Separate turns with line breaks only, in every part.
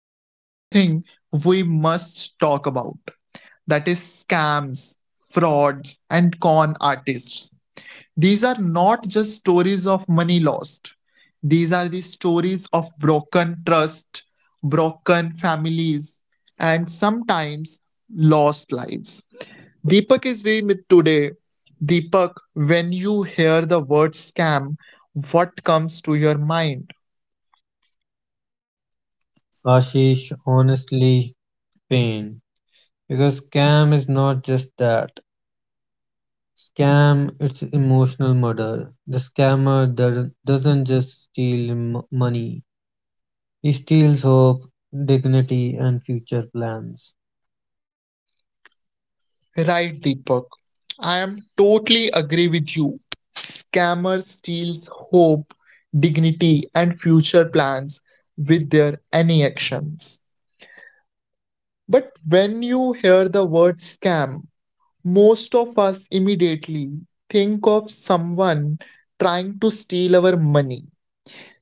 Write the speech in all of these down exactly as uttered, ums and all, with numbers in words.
it's something we must talk about. That is scams, frauds, and con artists. These are not just stories of money lost. These are the stories of broken trust, broken families, and sometimes lost lives. Deepak is we meet today. Deepak, when you hear the word scam, what comes to your mind?
Ashish, honestly, pain, because scam is not just that. Scam it's emotional murder. The scammer doesn't doesn't just steal m- money. He steals hope, dignity and future plans.
Right, Deepak. I am totally agree with you. Scammer steals hope, dignity, and future plans with their any actions. But when you hear the word scam, most of us immediately think of someone trying to steal our money.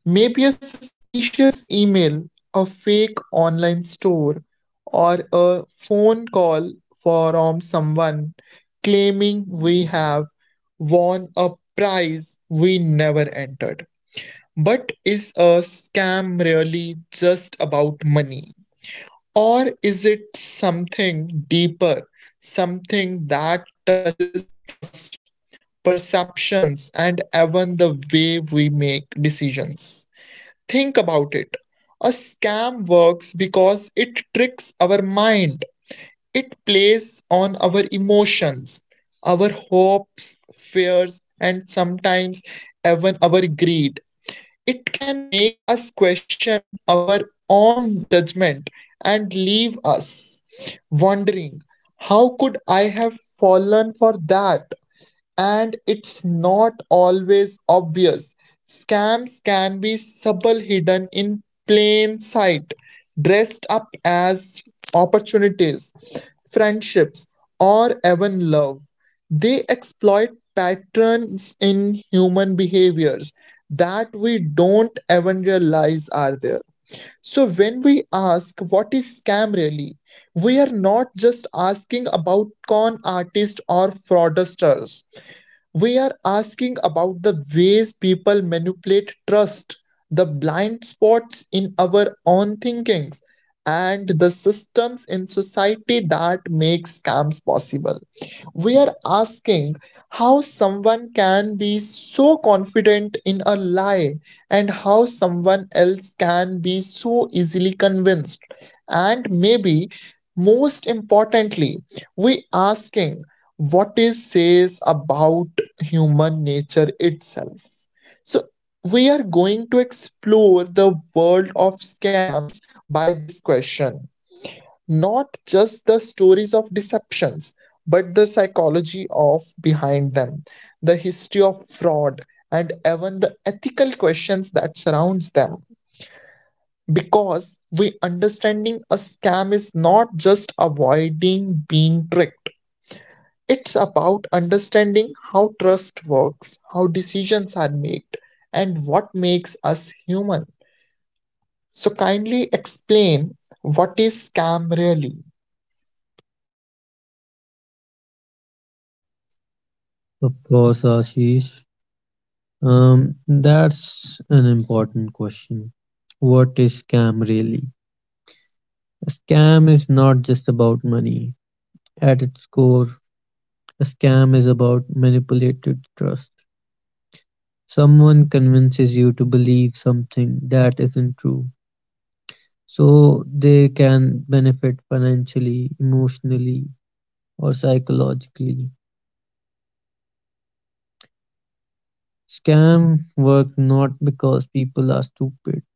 Maybe a suspicious email, a fake online store, or a phone call from someone claiming we have won a prize we never entered. But is a scam really just about money? Or is it something deeper, something that touches trust, perceptions, and even the way we make decisions? Think about it. A scam works because it tricks our mind. It plays on our emotions, our hopes, fears, and sometimes even our greed. It can make us question our own judgment and leave us wondering, how could I have fallen for that? And it's not always obvious. Scams can be subtle, hidden in plain sight, dressed up as opportunities, friendships, or even love. They exploit patterns in human behaviors that we don't even realize are there. So, when we ask what is scam really, we are not just asking about con artists or fraudsters, we are asking about the ways people manipulate trust, the blind spots in our own thinkings, and the systems in society that make scams possible. We are asking how someone can be so confident in a lie and how someone else can be so easily convinced. And maybe most importantly, we asking what it says about human nature itself. So, we are going to explore the world of scams by this question. Not just the stories of deceptions, but the psychology of behind them, the history of fraud, and even the ethical questions that surrounds them. Because we understanding a scam is not just avoiding being tricked, it's about understanding how trust works, how decisions are made, and what makes us human. So, kindly explain what is scam really?
Of course, Ashish. Um that's an important question. What is scam really? A scam is not just about money. At its core, a scam is about manipulated trust. Someone convinces you to believe something that isn't true so they can benefit financially, emotionally, or psychologically. Scams work not because people are stupid,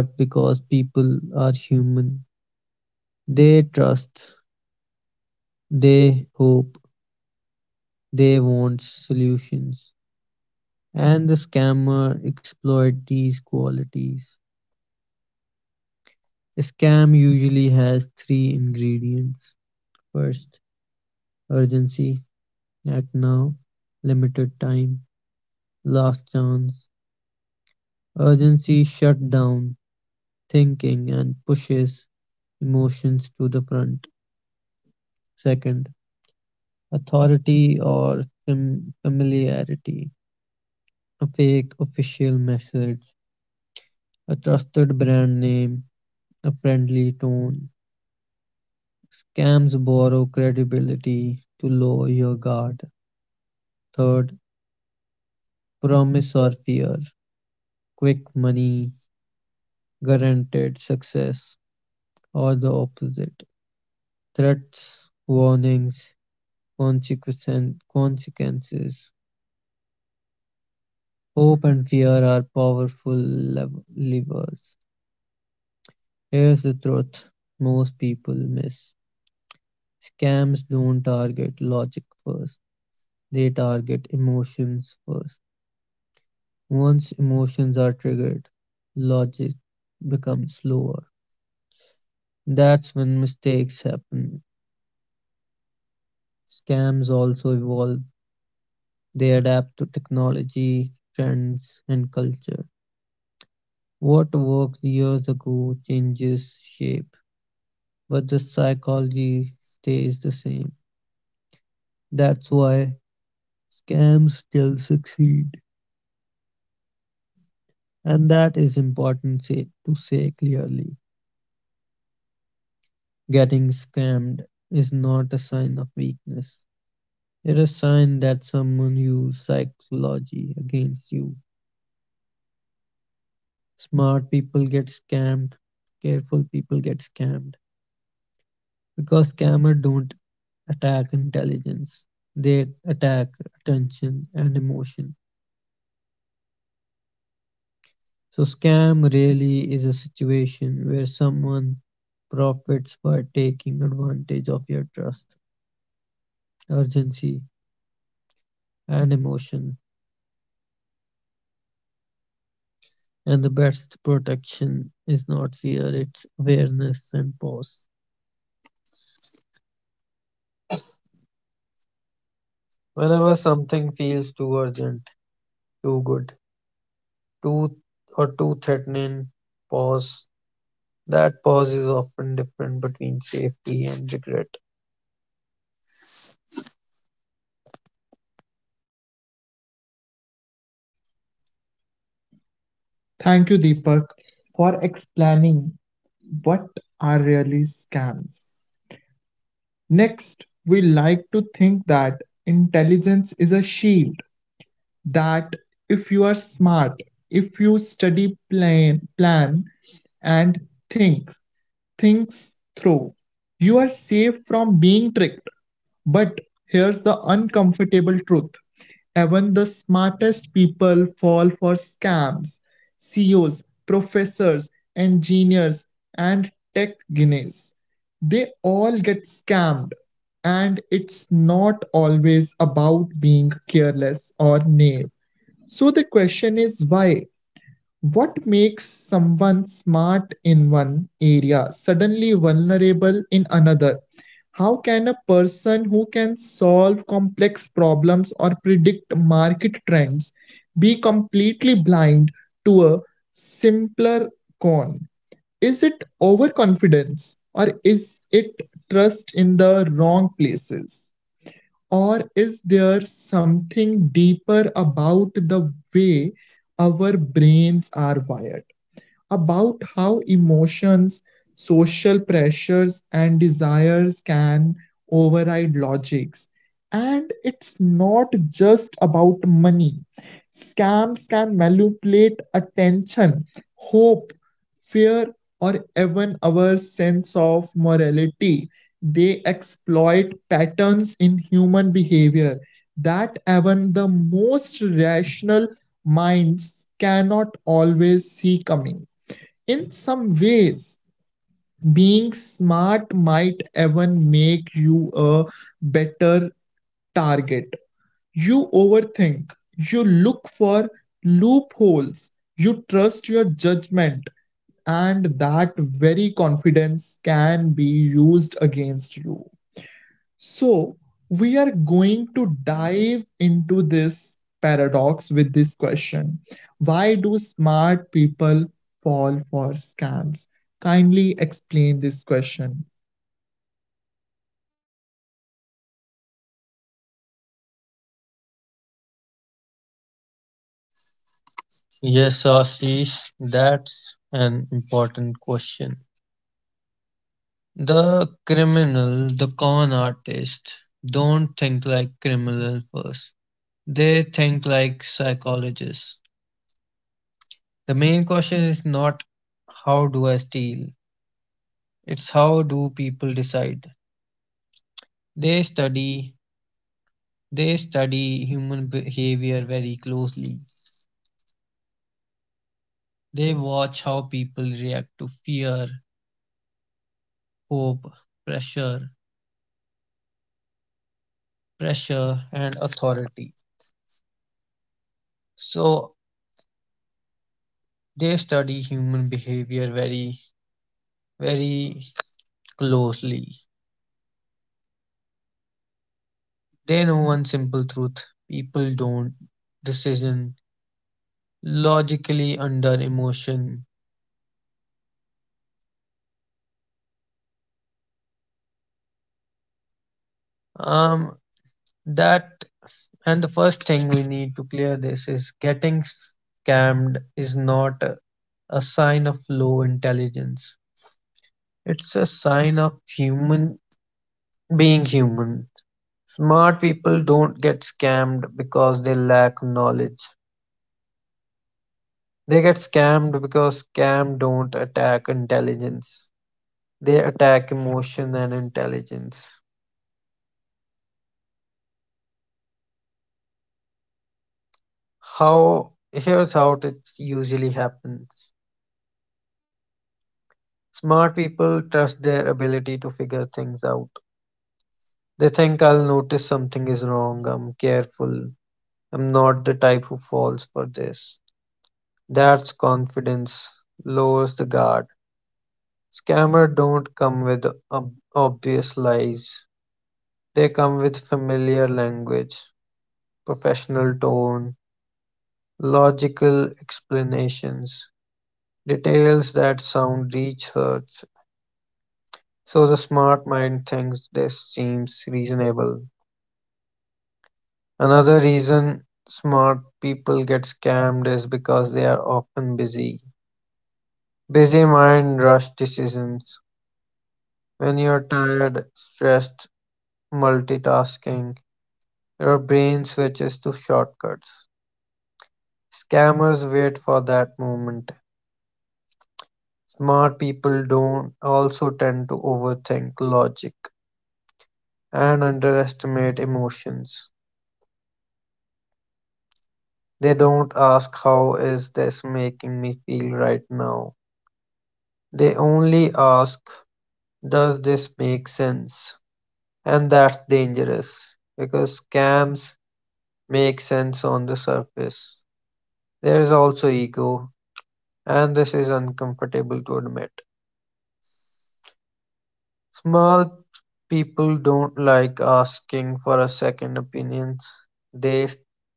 but because people are human. They trust, they hope, they want solutions. And the scammer exploit these qualities. A scam usually has three ingredients. First, urgency. Act now, limited time, last chance. Urgency shuts down thinking and pushes emotions to the front. Second, authority or fam- familiarity. A fake official message, a trusted brand name, a friendly tone. Scams borrow credibility to lower your guard. Third, promise or fear. Quick money, guaranteed success, or the opposite. Threats, warnings, consequence- consequences, hope and fear are powerful lev- levers. Here's the truth most people miss. Scams don't target logic first, they target emotions first. Once emotions are triggered, logic becomes slower. That's when mistakes happen. Scams also evolve, they adapt to technology, trends, and culture. What worked years ago changes shape, but the psychology stays the same. That's why scams still succeed. And that is important say, to say clearly. Getting scammed is not a sign of weakness, it's a sign that someone used psychology against you. Smart people get scammed, careful people get scammed, because scammers don't attack intelligence, they attack attention and emotion. So scam really is a situation where someone profits by taking advantage of your trust, urgency and emotion. And the best protection is not fear, it's awareness and pause. Whenever something feels too urgent, too good, too, or too threatening, pause. That pause is often different between safety and regret.
Thank you, Deepak, for explaining what are really scams. Next, we like to think that intelligence is a shield, that if you are smart, if you study plan, plan and think, things through. You are safe from being tricked. But here's the uncomfortable truth, even the smartest people fall for scams. C E Os, professors, engineers, and tech guineas. They all get scammed, and it's not always about being careless or naive. So the question is why? What makes someone smart in one area suddenly vulnerable in another? How can a person who can solve complex problems or predict market trends be completely blind to a simpler con? Is it overconfidence or is it trust in the wrong places? Or is there something deeper about the way our brains are wired? About how emotions, social pressures, and desires can override logics. And it's not just about money. Scams can manipulate attention, hope, fear, or even our sense of morality. They exploit patterns in human behavior that even the most rational minds cannot always see coming. In some ways, being smart might even make you a better target. You overthink, you look for loopholes, you trust your judgment, and that very confidence can be used against you. So, we are going to dive into this paradox with this question. Why do smart people fall for scams? Kindly explain this question.
Yes, Ashish, that's an important question. The criminal, the con artist, don't think like criminal first. They think like psychologists. The main question is not how do I steal? It's how do people decide? They study they study human behavior very closely. They watch how people react to fear, hope, pressure, pressure, and authority. So they study human behavior very, very closely. They know one simple truth: people don't decision logically under emotion. Um, that and the first thing we need to clear this is getting scammed is not a sign of low intelligence. It's a sign of human. Being human, smart people don't get scammed because they lack knowledge. They get scammed because scam don't attack intelligence. They attack emotion and intelligence. How Here's how it usually happens. Smart people trust their ability to figure things out. They think I'll notice something is wrong, I'm careful, I'm not the type who falls for this. That's confidence, lowers the guard. Scammers don't come with ob- obvious lies, they come with familiar language, professional tone, logical explanations, details that sound researched, so the smart mind thinks this seems reasonable. Another reason smart people get scammed is because they are often busy. Busy mind rush decisions. When you're tired, stressed, multitasking, their brain switches to shortcuts; scammers wait for that moment. Smart people don't also tend to overthink logic and underestimate emotions. They don't ask how is this making me feel right now. They only ask does this make sense? And that's dangerous because scams make sense on the surface. There is also ego, and this is uncomfortable to admit. Smart people don't like asking for a second opinion; they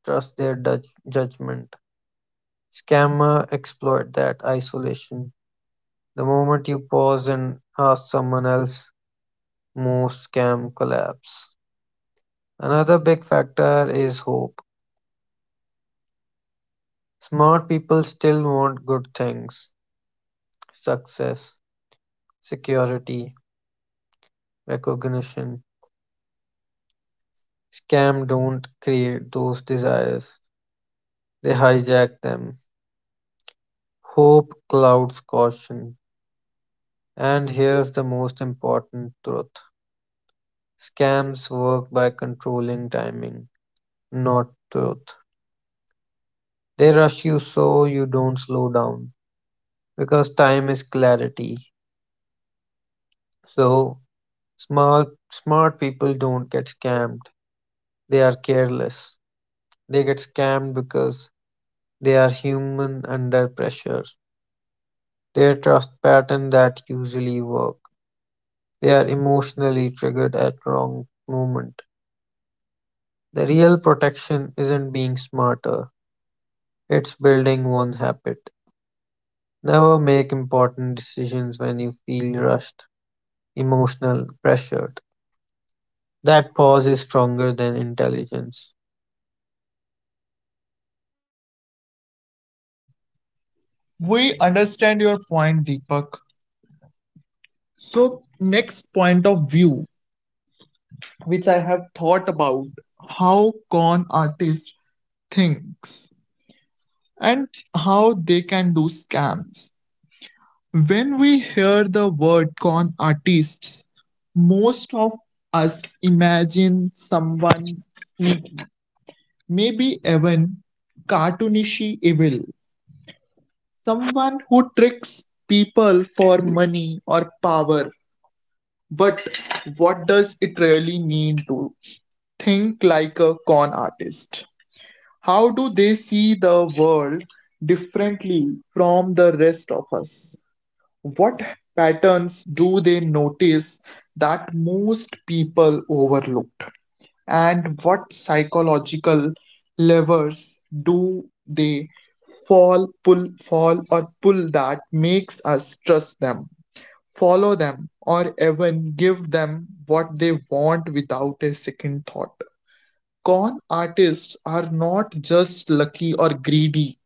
trust their dutch judgment. Scammers exploit that isolation. The moment you pause and ask someone else, most scam collapse. Another big factor is hope. Smart people still want good things: success, security, recognition. Scam don't create those desires, they hijack them. Hope clouds caution, and here's the most important truth: scams work by controlling timing, not truth. They rush you so you don't slow down because time is clarity. So smart smart people don't get scammed. They are careless. They get scammed because they are human under pressure. Their trust pattern that usually work. They are emotionally triggered at wrong moment. The real protection isn't being smarter, it's building one habit. Never make important decisions when you feel rushed, emotional, pressured. That pause is stronger than intelligence.
We understand your point, Deepak. So, next point of view, which I have thought about, how con artist thinks and how they can do scams. When we hear the word con artists, most of us imagine someone sneaky, maybe even cartoonish evil, someone who tricks people for money or power. But what does it really mean to think like a con artist? How do they see the world differently from the rest of us? What patterns do they notice that most people overlooked? And what psychological levers do they fall, pull, fall, or pull that makes us trust them, follow them, or even give them what they want without a second thought? Con artists are not just lucky or greedy,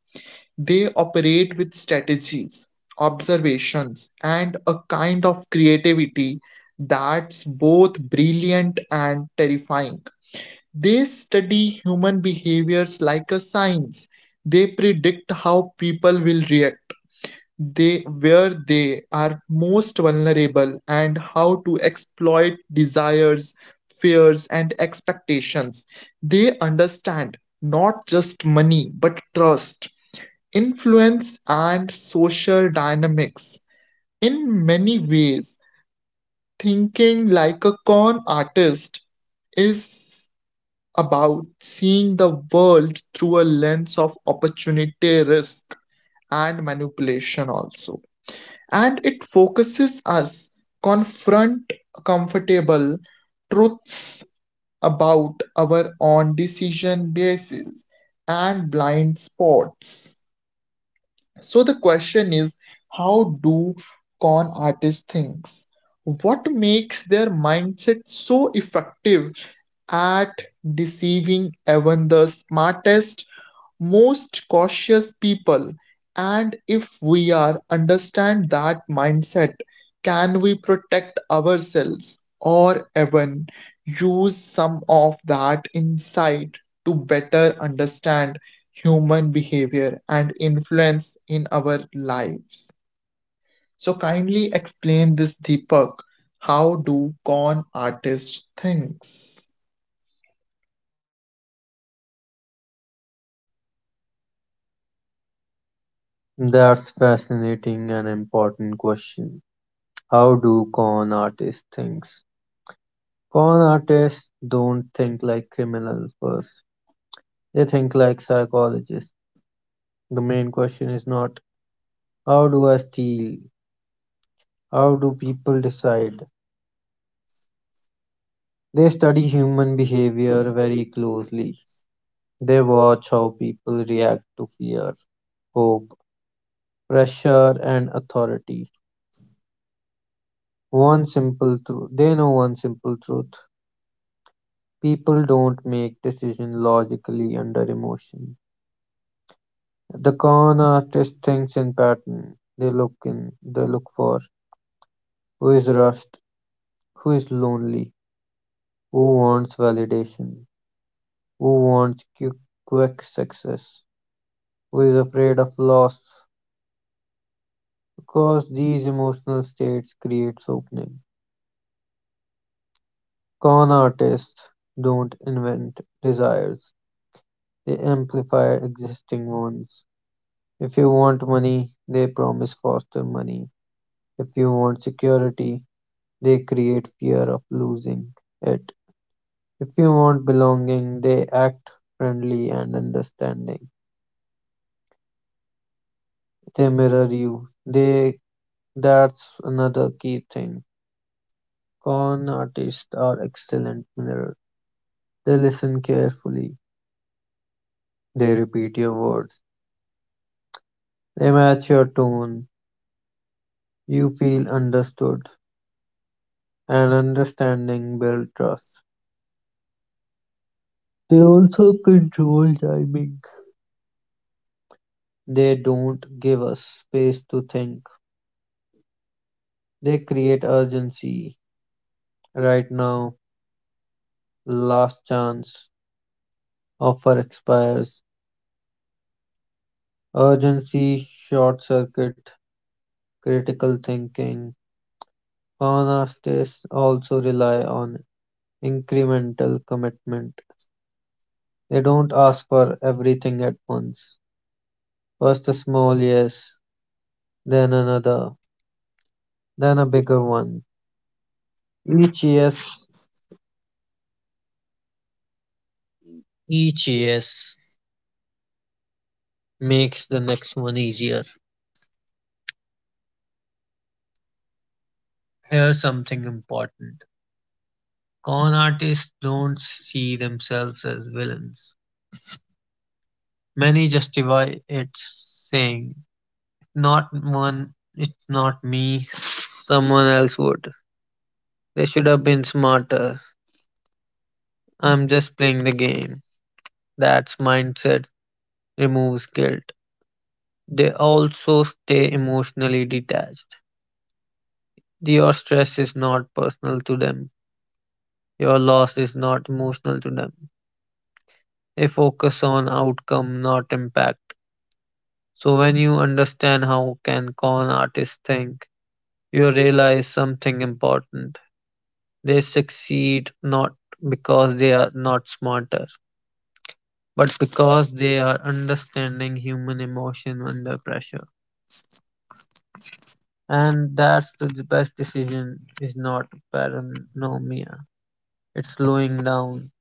they operate with strategies, observations, and a kind of creativity that's both brilliant and terrifying. They study human behaviors like a science. They predict how people will react, they where they are most vulnerable and how to exploit desires, fears and expectations. They understand not just money but trust, influence and social dynamics. In many ways, thinking like a con artist is about seeing the world through a lens of opportunity, risk, and manipulation, also. And it focuses us confront comfortable truths about our own decision basis and blind spots. So the question is, how do con artists thinks? What makes their mindset so effective at deceiving even the smartest most cautious people, and if we are understand that mindset, can we protect ourselves or even use some of that insight to better understand human behavior and influence in our lives? So kindly explain this, Deepak. How do con artists thinks?
That's fascinating and important question. How do con artists think? Con artists don't think like criminals first. They think like psychologists. The main question is not how do I steal? How do people decide? They study human behavior very closely; they watch how people react to fear, hope, pressure, and authority. One simple truth, they know one simple truth: people don't make decisions logically under emotion. The con artist thinks in pattern. They look in they look for who is rushed, who is lonely, who wants validation, who wants quick, quick success, who is afraid of loss, because these emotional states creates opening. Con artists don't invent desires, they amplify existing ones. If you want money, they promise faster money. If you want security, they create fear of losing it. If you want belonging, they act friendly and understanding. They mirror you. They That's another key thing. Con artists are excellent mirrors. They listen carefully. They repeat your words, they match your tone. You feel understood, and understanding builds trust. They also control timing. They don't give us space to think. They create urgency. Right now, last chance, offer expires. Urgency, short circuit, critical thinking. Con artists also rely on incremental commitment. They don't ask for everything at once. First a small yes, then another, then a bigger one. Each yes Each yes makes the next one easier. Here's something important. Con artists don't see themselves as villains. Many justify it saying, not one, it's not me, someone else would. They should have been smarter. I'm just playing the game. That mindset removes guilt. They also stay emotionally detached. Your stress is not personal to them. Your loss is not emotional to them. They focus on outcome, not impact. So when you understand how can con artists think, you realize something important. They succeed not because they are not smarter, but because they are understanding human emotion under pressure. And that's the best decision is not paranoia, it's slowing down.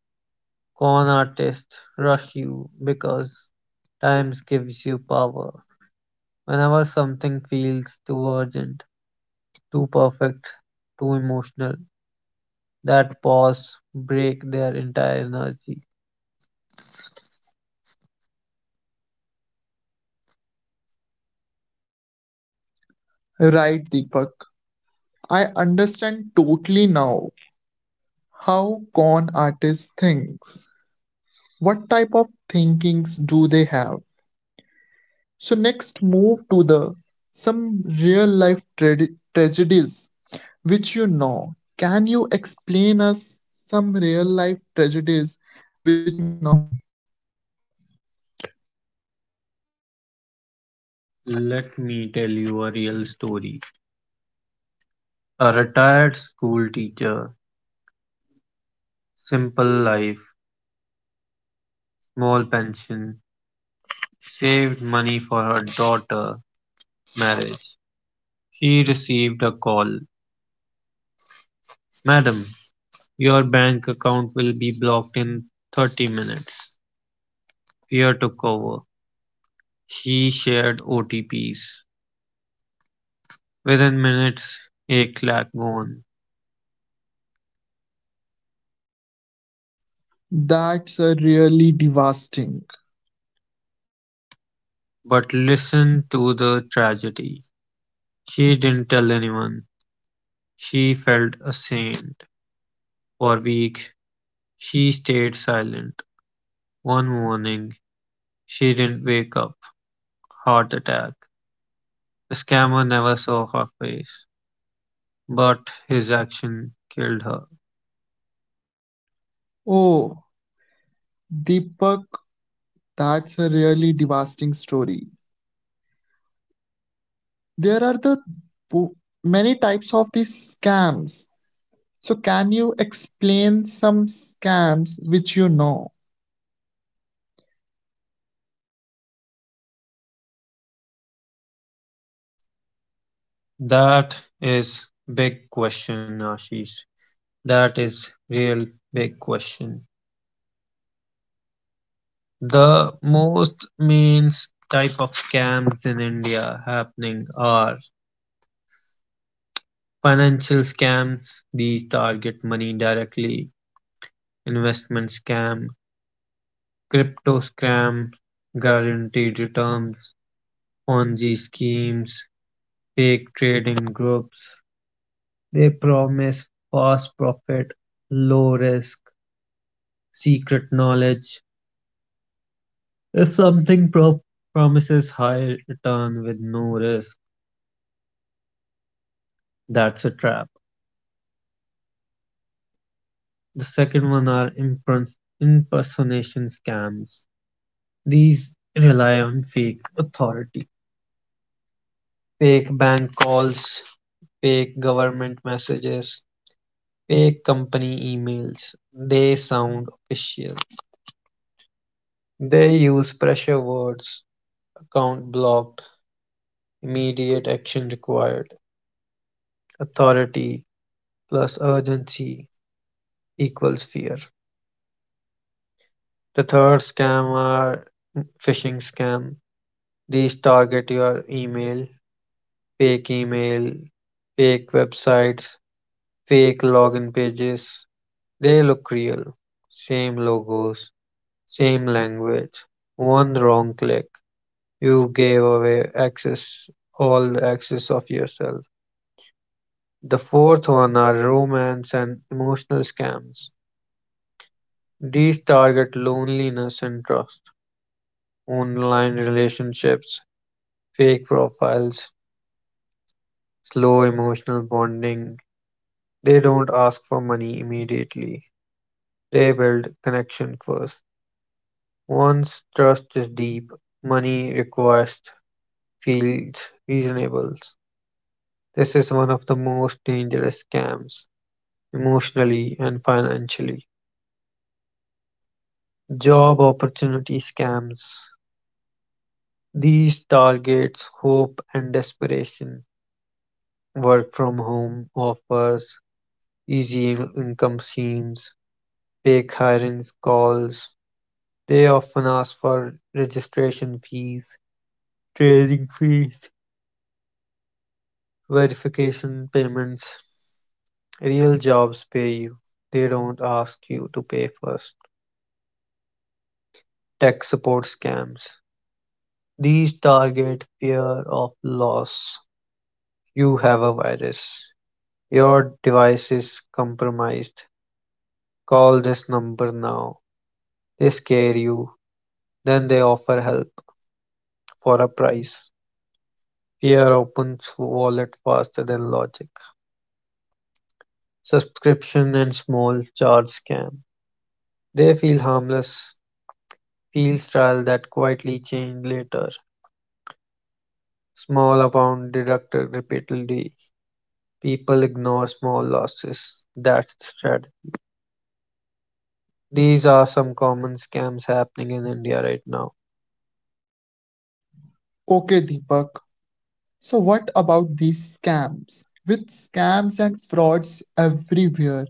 Con artists rush you because times gives you power. Whenever something feels too urgent, too perfect, too emotional, that pause break their entire energy.
Right, Deepak, I understand totally now how con artists thinks, what type of thinkings do they have. So next move to the some real life trad- tragedies which you know. Can you explain us some real life tragedies which you know?
Let me tell you a real story. A retired school teacher, simple life, small pension, saved money for her daughter marriage. She received a call. Madam, your bank account will be blocked in thirty minutes. Fear took over. She shared O T Ps. Within minutes, एक lakh gone.
That's a really devastating.
But listen to the tragedy. She didn't tell anyone. She felt a saint. For weeks, she stayed silent. One morning, she didn't wake up. Heart attack. The scammer never saw her face, but his action killed her.
Oh, Deepak, that's a really devastating story. There are the bo- many types of these scams. So, can you explain some scams which you know?
That is big question, Ashish. That is real big question. The most means type of scams in India happening are financial scams. These target money directly: investment scam, crypto scam, guaranteed returns, Ponzi schemes, fake trading groups. They promise fast profit, low risk, secret knowledge. If something pro- promises high return with no risk, that's a trap. The second one are impers- impersonation scams. These rely on fake authority, fake bank calls, fake government messages, fake company emails. They sound official. They use pressure words, account blocked, immediate action required. Authority plus urgency equals fear. The third scam are phishing scam. These target your email, fake email, fake websites, fake login pages. They look real. Same logos, same language. One wrong click, you gave away access, all the access of yourself. The fourth one are romance and emotional scams. These target loneliness and trust, online relationships, fake profiles, slow emotional bonding. They don't ask for money immediately. They build connection first. Once trust is deep, money request feels reasonable. This is one of the most dangerous scams, emotionally and financially. Job opportunity scams. These targets hope and desperation, work from home offers, easy income schemes, fake hirings calls. They often ask for registration fees, training fees, verification payments. Real jobs pay you. They don't ask you to pay first. Tech support scams. These target fear of loss. You have a virus. Your device is compromised. Call this number now. They scare you. Then they offer help for a price. Fear opens wallet faster than logic. Subscription and small charge scam. They feel harmless, feel trial that quietly change later. Small amount deducted repeatedly. People ignore small losses. That's the strategy. These are some common scams happening in India right now.
Okay, Deepak. So, what about these scams? With scams and frauds everywhere,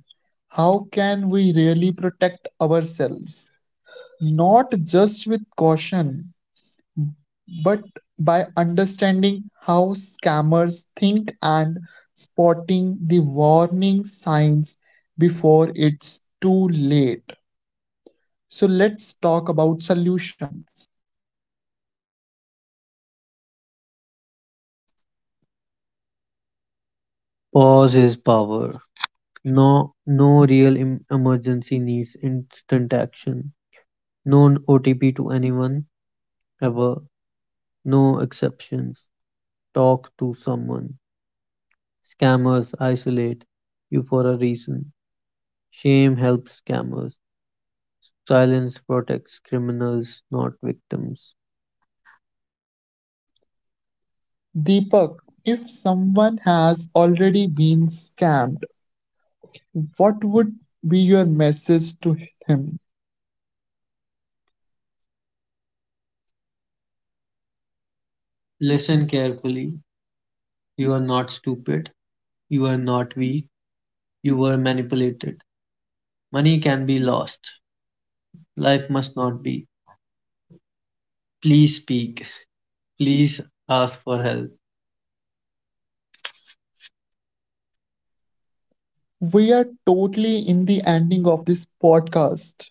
how can we really protect ourselves? Not just with caution, but by understanding how scammers think and spotting the warning signs before it's too late. So, let's talk about solutions.
Pause is power. No, No real em- emergency needs instant action. No O T P to anyone ever. No exceptions. Talk to someone. Scammers isolate you for a reason. Shame helps scammers. Silence protects criminals, not victims.
Deepak, if someone has already been scammed, what would be your message to him?
Listen carefully. You are not stupid. You are not weak. You were manipulated. Money can be lost. Life must not be. Please speak. Please ask for help.
We are totally in the ending of this podcast.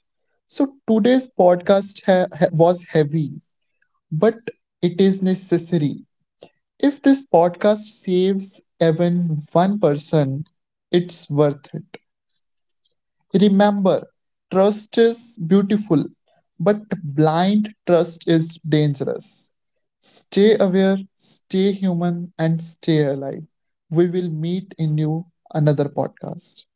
So today's podcast ha- ha- was heavy, but it is necessary. If this podcast saves even one person, it's worth it. Remember, trust is beautiful, but blind trust is dangerous. Stay aware, stay human, and stay alive. We will meet in new another podcast.